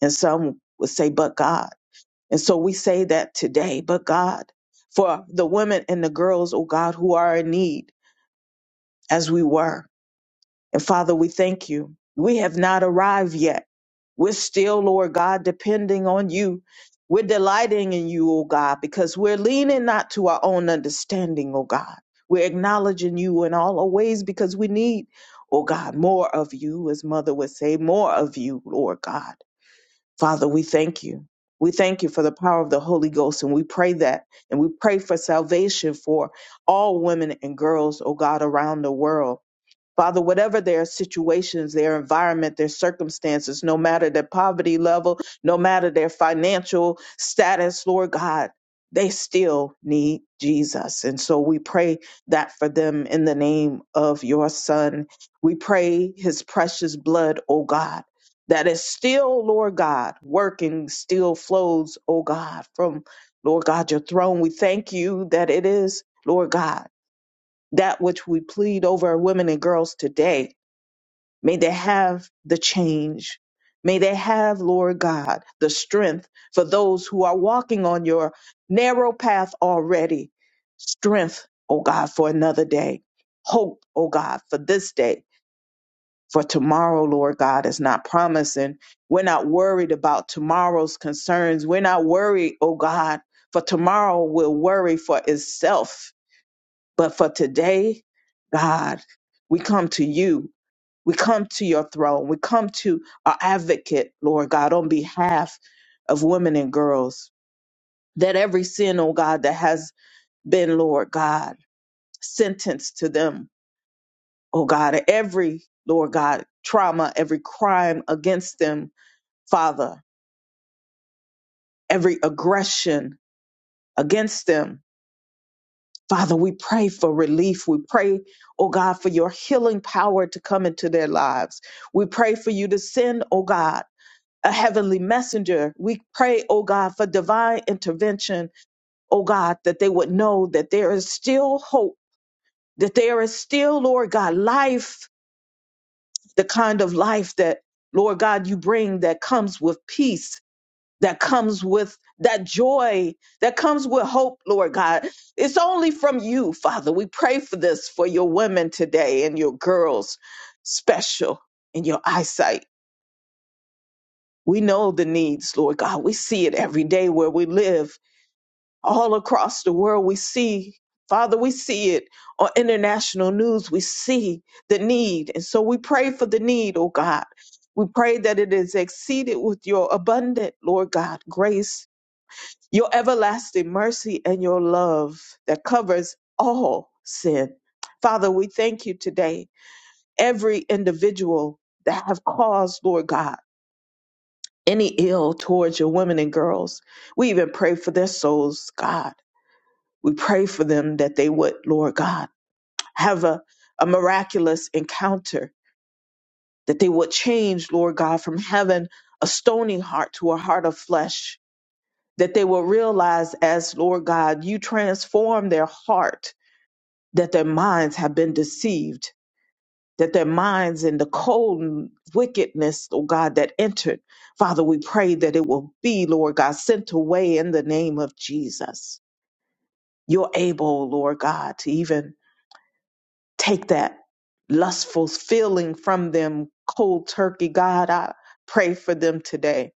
Speaker 1: And some would say, but God. And so we say that today, but God, for the women and the girls, oh God, who are in need as we were. And Father, we thank you. We have not arrived yet. We're still, Lord God, depending on you. We're delighting in you, oh God, because we're leaning not to our own understanding, oh God. We're acknowledging you in all our ways because we need, oh God, more of you, as Mother would say, more of you, Lord God Father, we thank you. We thank you for the power of the Holy Ghost, and we pray that, and we pray for salvation for all women and girls, oh God, around the world. Father, whatever their situations, their environment, their circumstances, no matter their poverty level, no matter their financial status, Lord God, they still need Jesus. And so we pray that for them in the name of your Son. We pray his precious blood, O God, that is still, Lord God, working, still flows, O God, from Lord God, your throne. We thank you that it is, Lord God that which we plead over women and girls today. May they have the change. May they have, Lord God, the strength for those who are walking on your narrow path already. Strength, oh God, for another day. Hope, oh God, for this day. For tomorrow, Lord God, is not promising. We're not worried about tomorrow's concerns. We're not worried, oh God, for tomorrow will worry for itself but for today, God, we come to you. We come to your throne. We come to our advocate, Lord God, on behalf of women and girls. That every sin, oh God, that has been, Lord God, sentenced to them, oh God, every, Lord God, trauma, every crime against them, Father, every aggression against them, Father, we pray for relief. We pray, oh God, for your healing power to come into their lives. We pray for you to send, oh God, a heavenly messenger. We pray, oh God, for divine intervention, oh God, that they would know that there is still hope, that there is still, Lord God, life, the kind of life that, Lord God, you bring that comes with peace that comes with that joy that comes with hope, Lord God. It's only from you, Father. We pray for this for your women today and your girls, special in your eyesight. We know the needs, Lord God. We see it every day where we live, all across the world. We see, Father, we see it on international news. We see the need. And so we pray for the need, oh God. We pray that it is exceeded with your abundant, Lord God, grace your everlasting mercy and your love that covers all sin. Father, we thank you today, every individual that have caused, Lord God, any ill towards your women and girls. We even pray for their souls, God. We pray for them that they would, Lord God, have a, a miraculous encounter, that they would change, Lord God, from having a stony heart to a heart of flesh, that they will realize as, Lord God, you transform their heart that their minds have been deceived, that their minds and the cold wickedness, oh God, that entered. Father, we pray that it will be, Lord God, sent away in the name of Jesus. You're able, Lord God, to even take that lustful feeling from them, cold turkey. God, I pray for them today.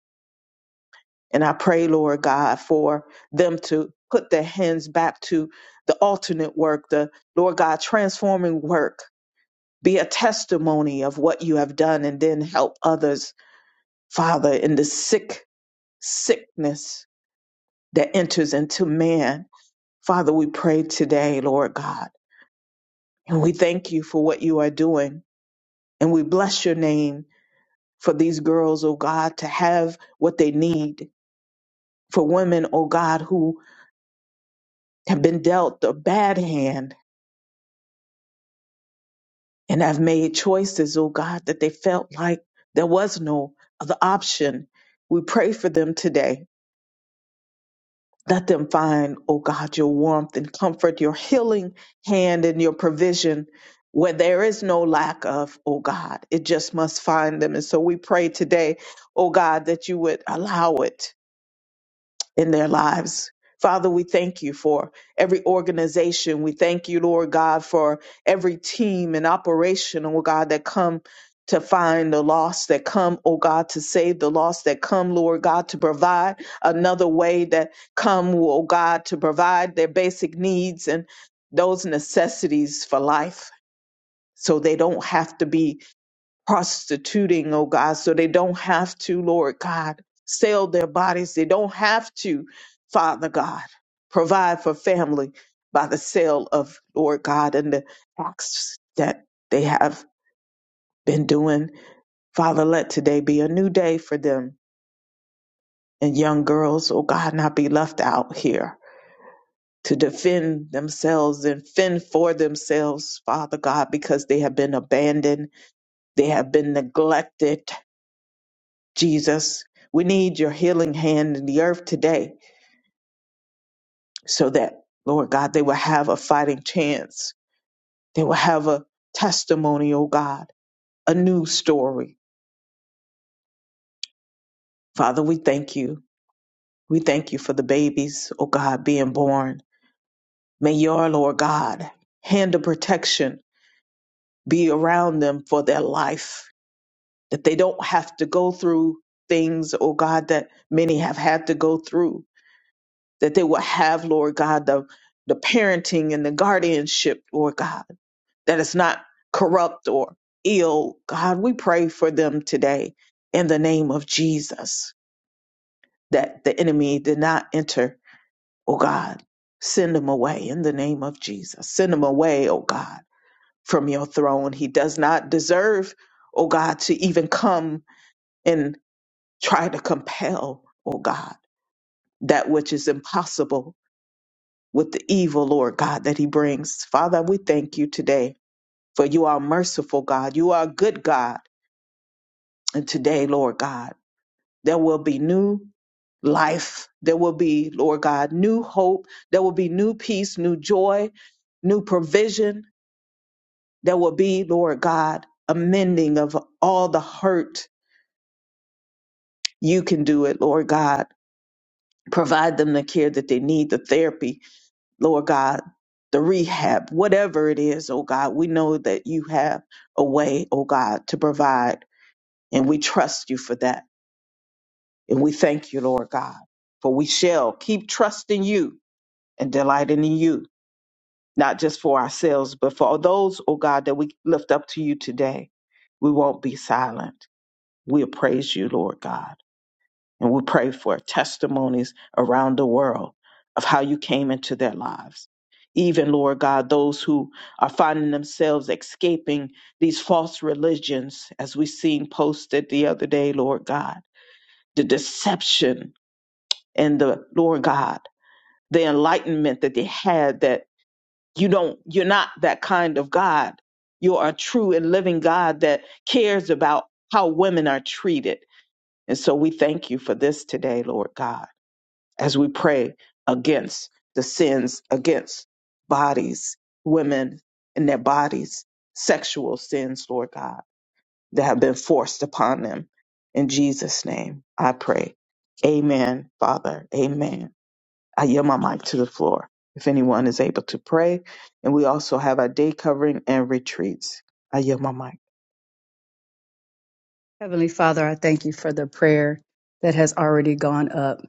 Speaker 1: And I pray, Lord God, for them to put their hands back to the alternate work, the Lord God transforming work be a testimony of what you have done and then help others, Father, in the sick sickness that enters into man. Father, we pray today, Lord God, and we thank you for what you are doing. And we bless your name for these girls, oh God, to have what they need. For women, oh God, who have been dealt a bad hand and have made choices, oh God, that they felt like there was no other option. We pray for them today Let them find, O God, your warmth and comfort, your healing hand and your provision where there is no lack of, O God. It just must find them. And so we pray today, O God, that you would allow it in their lives. Father, we thank you for every organization. We thank you, Lord God, for every team and operation, oh God, that come to find the lost, that come, oh God, to save the lost, that come, Lord God, to provide another way, that come, oh God, to provide their basic needs and those necessities for life so they don't have to be prostituting, oh God, so they don't have to, Lord God, sell their bodies. They don't have to, Father God, provide for family by the sale of, Lord God, and the acts that they have been doing. Father, let today be a new day for them and young girls, oh God, not be left out here to defend themselves and fend for themselves, Father God, because they have been abandoned. They have been neglected. Jesus, we need your healing hand in the earth today so that, Lord God, they will have a fighting chance. They will have a testimony, oh God, a new story. Father, we thank you. We thank you for the babies, oh God, being born. May your, Lord God, hand of protection be around them for their life, that they don't have to go through things, oh God, that many have had to go through that they will have, Lord God, the, the parenting and the guardianship, Lord God, that is not corrupt or ill. God, we pray for them today in the name of Jesus, that the enemy did not enter, oh God. Send him away in the name of Jesus. Send him away, oh God, from your throne. He does not deserve, oh God, to even come and try to compel, oh God, that which is impossible with the evil, Lord God, that he brings. Father, we thank you today for you are merciful, God. You are a good God. And today, Lord God, there will be new life. There will be, Lord God, new hope. There will be new peace, new joy, new provision. There will be, Lord God, a mending of all the hurt. You can do it, Lord God. Provide them the care that they need, the therapy Lord God, the rehab, whatever it is, oh God, we know that you have a way, oh God, to provide, and we trust you for that. And we thank you, Lord God, for we shall keep trusting you and delighting in you, not just for ourselves, but for all those, oh God, that we lift up to you today. We won't be silent. We'll praise you, Lord God. And we pray for testimonies around the world of how you came into their lives. Even, Lord God, those who are finding themselves escaping these false religions, as we seen posted the other day, Lord God, the deception and the, Lord God, the enlightenment that they had that you don't, you're not that kind of God. You are a true and living God that cares about how women are treated. And so we thank you for this today, Lord God as we pray against the sins against bodies, women and their bodies, sexual sins, Lord God, that have been forced upon them. In Jesus' name, I pray. Amen, Father. Amen. I yield my mic to the floor if anyone is able to pray. And we also have our day covering and retreats. I yield my mic.
Speaker 3: Heavenly Father, I thank you for the prayer that has already gone up.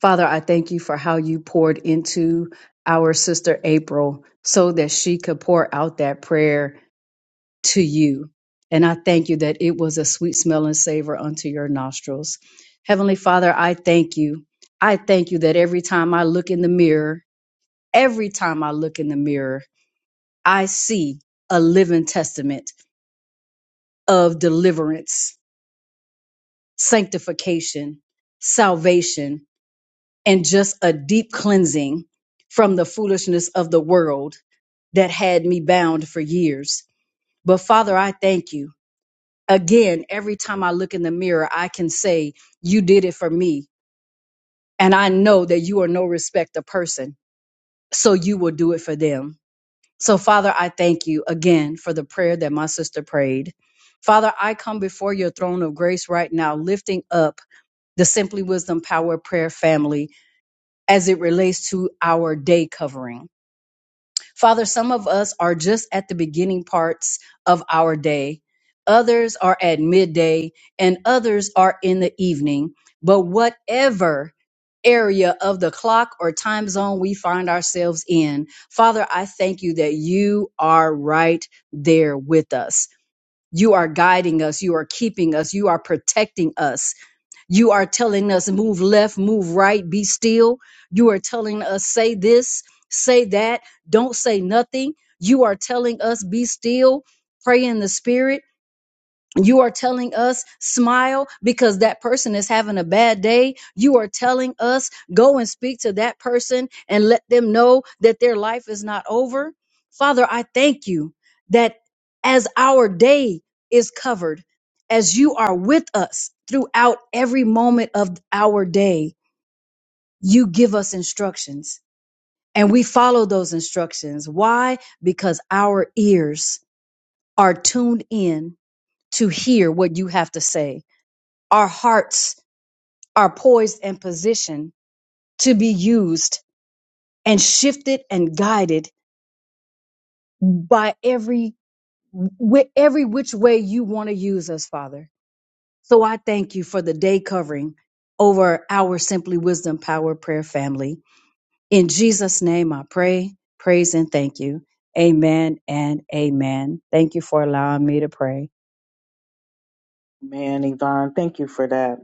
Speaker 3: Father, I thank you for how you poured into our sister April so that she could pour out that prayer to you. And I thank you that it was a sweet smell and savor unto your nostrils. Heavenly Father, I thank you. I thank you that every time I look in the mirror, every time I look in the mirror, I see a living testament of deliverance sanctification, salvation, and just a deep cleansing from the foolishness of the world that had me bound for years. But Father, I thank you. Again, every time I look in the mirror, I can say, You did it for me. And I know that you are no respecter person, so you will do it for them. So, Father, I thank you again for the prayer that my sister prayed. Father, I come before your throne of grace right now, lifting up the Simply Wisdom Power Prayer family as it relates to our day covering. Father, some of us are just at the beginning parts of our day. Others are at midday and others are in the evening. But whatever area of the clock or time zone we find ourselves in, Father, I thank you that you are right there with us. You are guiding us. You are keeping us. You are protecting us. You are telling us move left, move right, be still. You are telling us say this, say that, don't say nothing. You are telling us be still, pray in the spirit. You are telling us smile because that person is having a bad day. You are telling us go and speak to that person and let them know that their life is not over. Father, I thank you that as our day is covered, as you are with us throughout every moment of our day, you give us instructions and we follow those instructions. Why? Because our ears are tuned in to hear what you have to say our hearts are poised and positioned to be used and shifted and guided by every wi- every which way you want to use us, Father. So I thank you for the day covering over our Simply Wisdom Power Prayer family. In Jesus' name I pray, praise, and thank you. Amen and amen. Thank you for allowing me to pray.
Speaker 1: Man, Yvonne, thank you for that.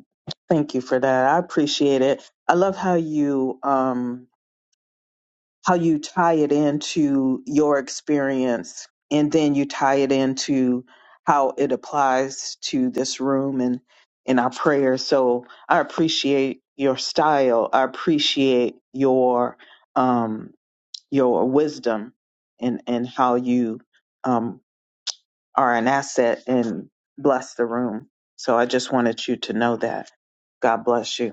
Speaker 1: Thank you for that. I appreciate it. I love how you um how you tie it into your experience and then you tie it into how it applies to this room and in our prayers. So I appreciate your style. I appreciate your um your wisdom and and how you um are an asset and bless the room. So I just wanted you to know that. God bless you.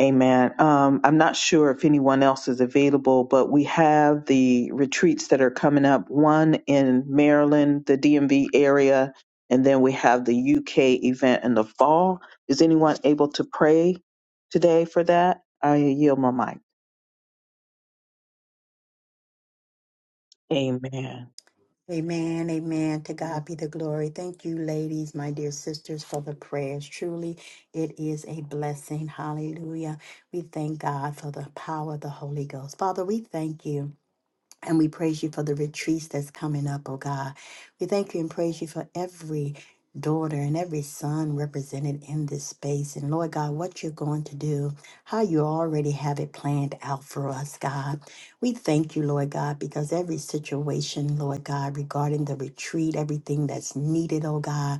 Speaker 1: Amen. Um, I'm not sure if anyone else is available, but we have the retreats that are coming up one in Maryland, the DMV area, and then we have the UK event in the fall. Is anyone able to pray today for that? I yield my mic. Amen.
Speaker 2: Amen, amen. To God be the glory. Thank you, ladies, my dear sisters, for the prayers. Truly, it is a blessing. Hallelujah. We thank God for the power of the Holy Ghost. Father, we thank you. And we praise you for the retreats that's coming up, oh God. We thank you and praise you for every daughter and every son represented in this space. And Lord God, what you're going to do, how you already have it planned out for us, God. We thank you, Lord God, because every situation, Lord God, regarding the retreat, everything that's needed, oh God.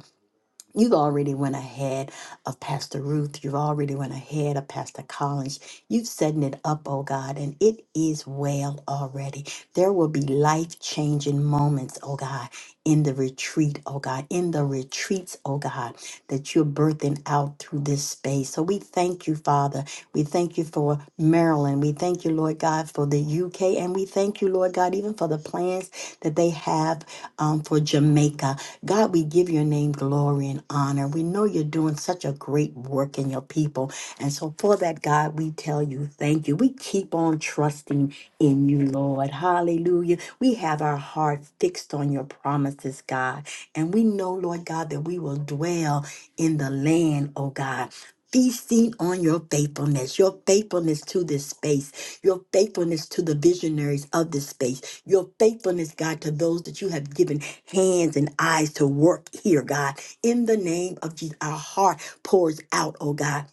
Speaker 2: You've already went ahead of Pastor Ruth. You've already went ahead of Pastor Collins. You've setting it up, oh God, and it is well already. There will be life changing moments, oh God in the retreat, oh God, in the retreats, oh God, that you're birthing out through this space. So we thank you, Father. We thank you for Maryland. We thank you, Lord God, for the UK. And we thank you, Lord God, even for the plans that they have um, for Jamaica. God, we give your name glory and honor. We know you're doing such a great work in your people. And so for that, God, we tell you thank you. We keep on trusting in you, Lord. Hallelujah. We have our heart fixed on your promises, God. And we know, Lord God, that we will dwell in the land, oh God. Feasting on your faithfulness, your faithfulness to this space, your faithfulness to the visionaries of this space, your faithfulness, God, to those that you have given hands and eyes to work here, God. In the name of Jesus, our heart pours out, oh God.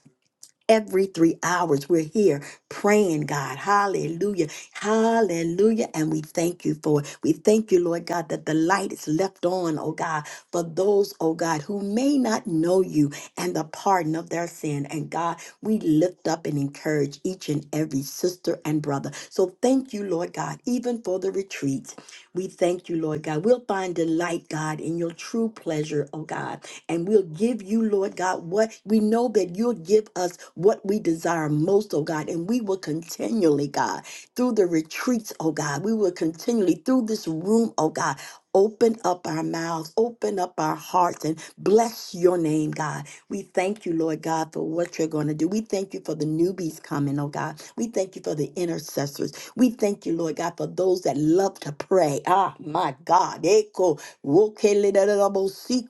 Speaker 2: Every three hours, we're here praying, God. Hallelujah. Hallelujah. And we thank you for it. We thank you, Lord God, that the light is left on, oh God, for those, oh God, who may not know you and the pardon of their sin. And God, we lift up and encourage each and every sister and brother. So thank you, Lord God, even for the retreats. We thank you, Lord God. We'll find delight, God, in your true pleasure, oh God and we'll give you, Lord God, what we know that you'll give us what we desire most, oh God. And we will continually, God, through the retreats, oh God, we will continually through this room, oh God. Open up our mouths, open up our hearts, and bless your name, God. We thank you, Lord God, for what you're going to do. We thank you for the newbies coming, oh God. We thank you for the intercessors. We thank you, Lord God, for those that love to pray. Ah, my God. Echo. Woke Okay,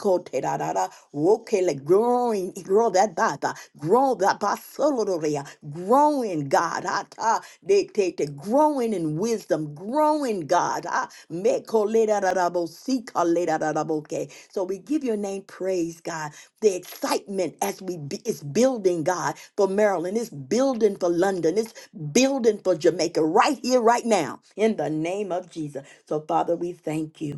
Speaker 2: growing, grow that baba, grow that basoloria, growing God, ata, de te te, growing in wisdom, growing God, ah, meko leda da da bo, sika leda da da bo, okay. So we give your name praise, God. The excitement as we be, it's building, God, for Maryland, it's building for London, it's building for Jamaica, right here, right now, in the name of Jesus. So Father, we thank you.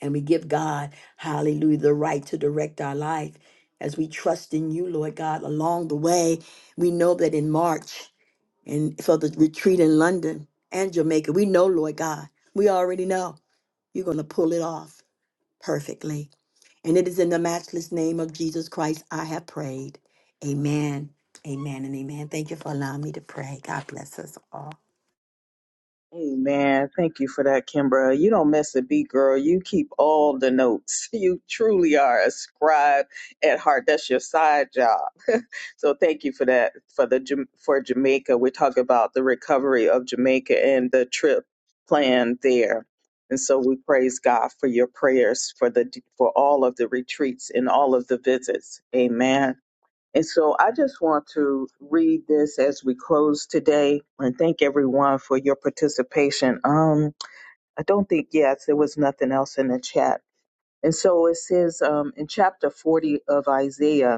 Speaker 2: And we give God, hallelujah, the right to direct our life as we trust in you, Lord God. Along the way, we know that in March and for the retreat in London and Jamaica, we know, Lord God, we already know you're going to pull it off perfectly. And it is in the matchless name of Jesus Christ I have prayed. Amen, amen, and amen. Thank you for allowing me to pray. God bless us all.
Speaker 1: Amen. Thank you for that, Kimbra. You don't miss a beat, girl. You keep all the notes. You truly are a scribe at heart. That's your side job. So thank you for that. For the Jam- for Jamaica, we're talking about the recovery of Jamaica and the trip plan there. And so we praise God for your prayers for the for all of the retreats and all of the visits. Amen. And so I just want to read this as we close today and thank everyone for your participation. Um, I don't think yes, there was nothing else in the chat. And so it says um, in chapter 40 of Isaiah,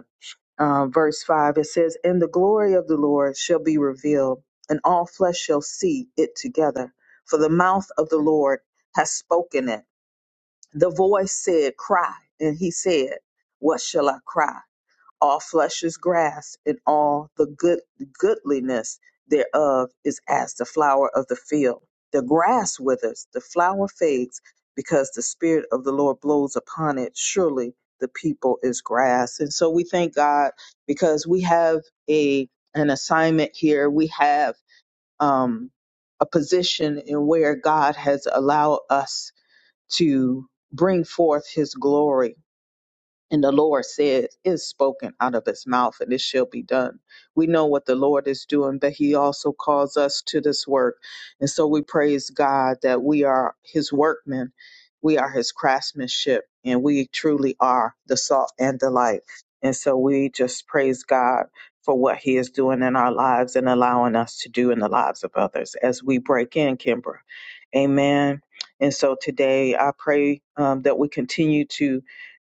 Speaker 1: uh, verse 5, it says, And the glory of the Lord shall be revealed, and all flesh shall see it together. For the mouth of the Lord has spoken it. The voice said, Cry. And he said, What shall I cry? all flesh is grass, and all the good goodliness thereof is as the flower of the field. The grass withers, the flower fades, because the spirit of the Lord blows upon it. Surely the people is grass. And so we thank God because we have a an assignment here. We have um a position in where God has allowed us to bring forth his glory and the Lord says, "Is spoken out of his mouth, and it shall be done. We know what the Lord is doing, but he also calls us to this work. And so we praise God that we are his workmen, we are his craftsmanship, and we truly are the salt and the light. And so we just praise God for what he is doing in our lives and allowing us to do in the lives of others as we break in, Kimbra. Amen. And so today I pray um, that we continue to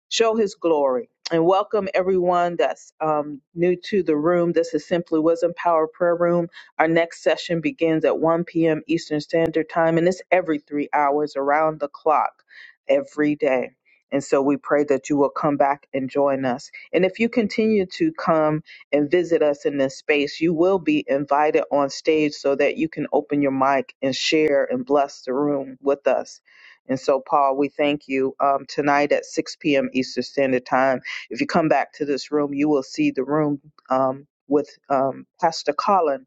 Speaker 1: show his glory and welcome everyone that's um, new to the room this is simply wisdom power prayer room our next session begins at 1 p.m eastern standard time and it's every three hours around the clock every day and so we pray that you will come back and join us and if you continue to come and visit us in this space you will be invited on stage so that you can open your mic and share and bless the room with us and so, Paul, we thank you um, tonight at 6 p.m. Eastern Standard Time. If you come back to this room, you will see the room um, with um, Pastor Colin,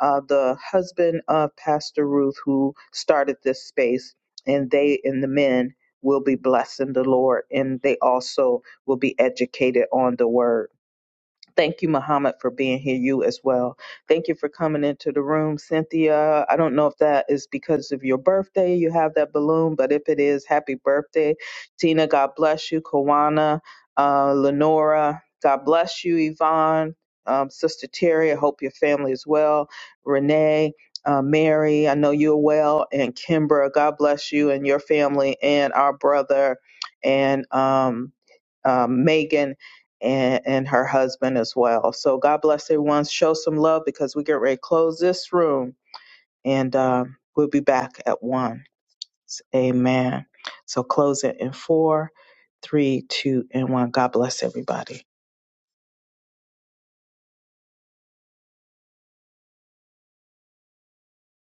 Speaker 1: uh, the husband of Pastor Ruth, who started this space, and they and the men will be blessing the Lord, and they also will be educated on the word. Thank you, Muhammad, for being here. You as well. Thank you for coming into the room, Cynthia. I don't know if that is because of your birthday. You have that balloon, but if it is, happy birthday, Tina. God bless you, Kawana, uh, Lenora. God bless you, Yvonne, um, Sister Terry. I hope your family is well. Renee. Uh, Mary, I know you're well, and Kimbra, God bless you and your family, and our brother, and um, um, Megan and, and her husband as well. So God bless everyone. Show some love because we get ready to close this room and um, we'll be back at one. Amen. So close it in four, three, two, and one. God bless everybody.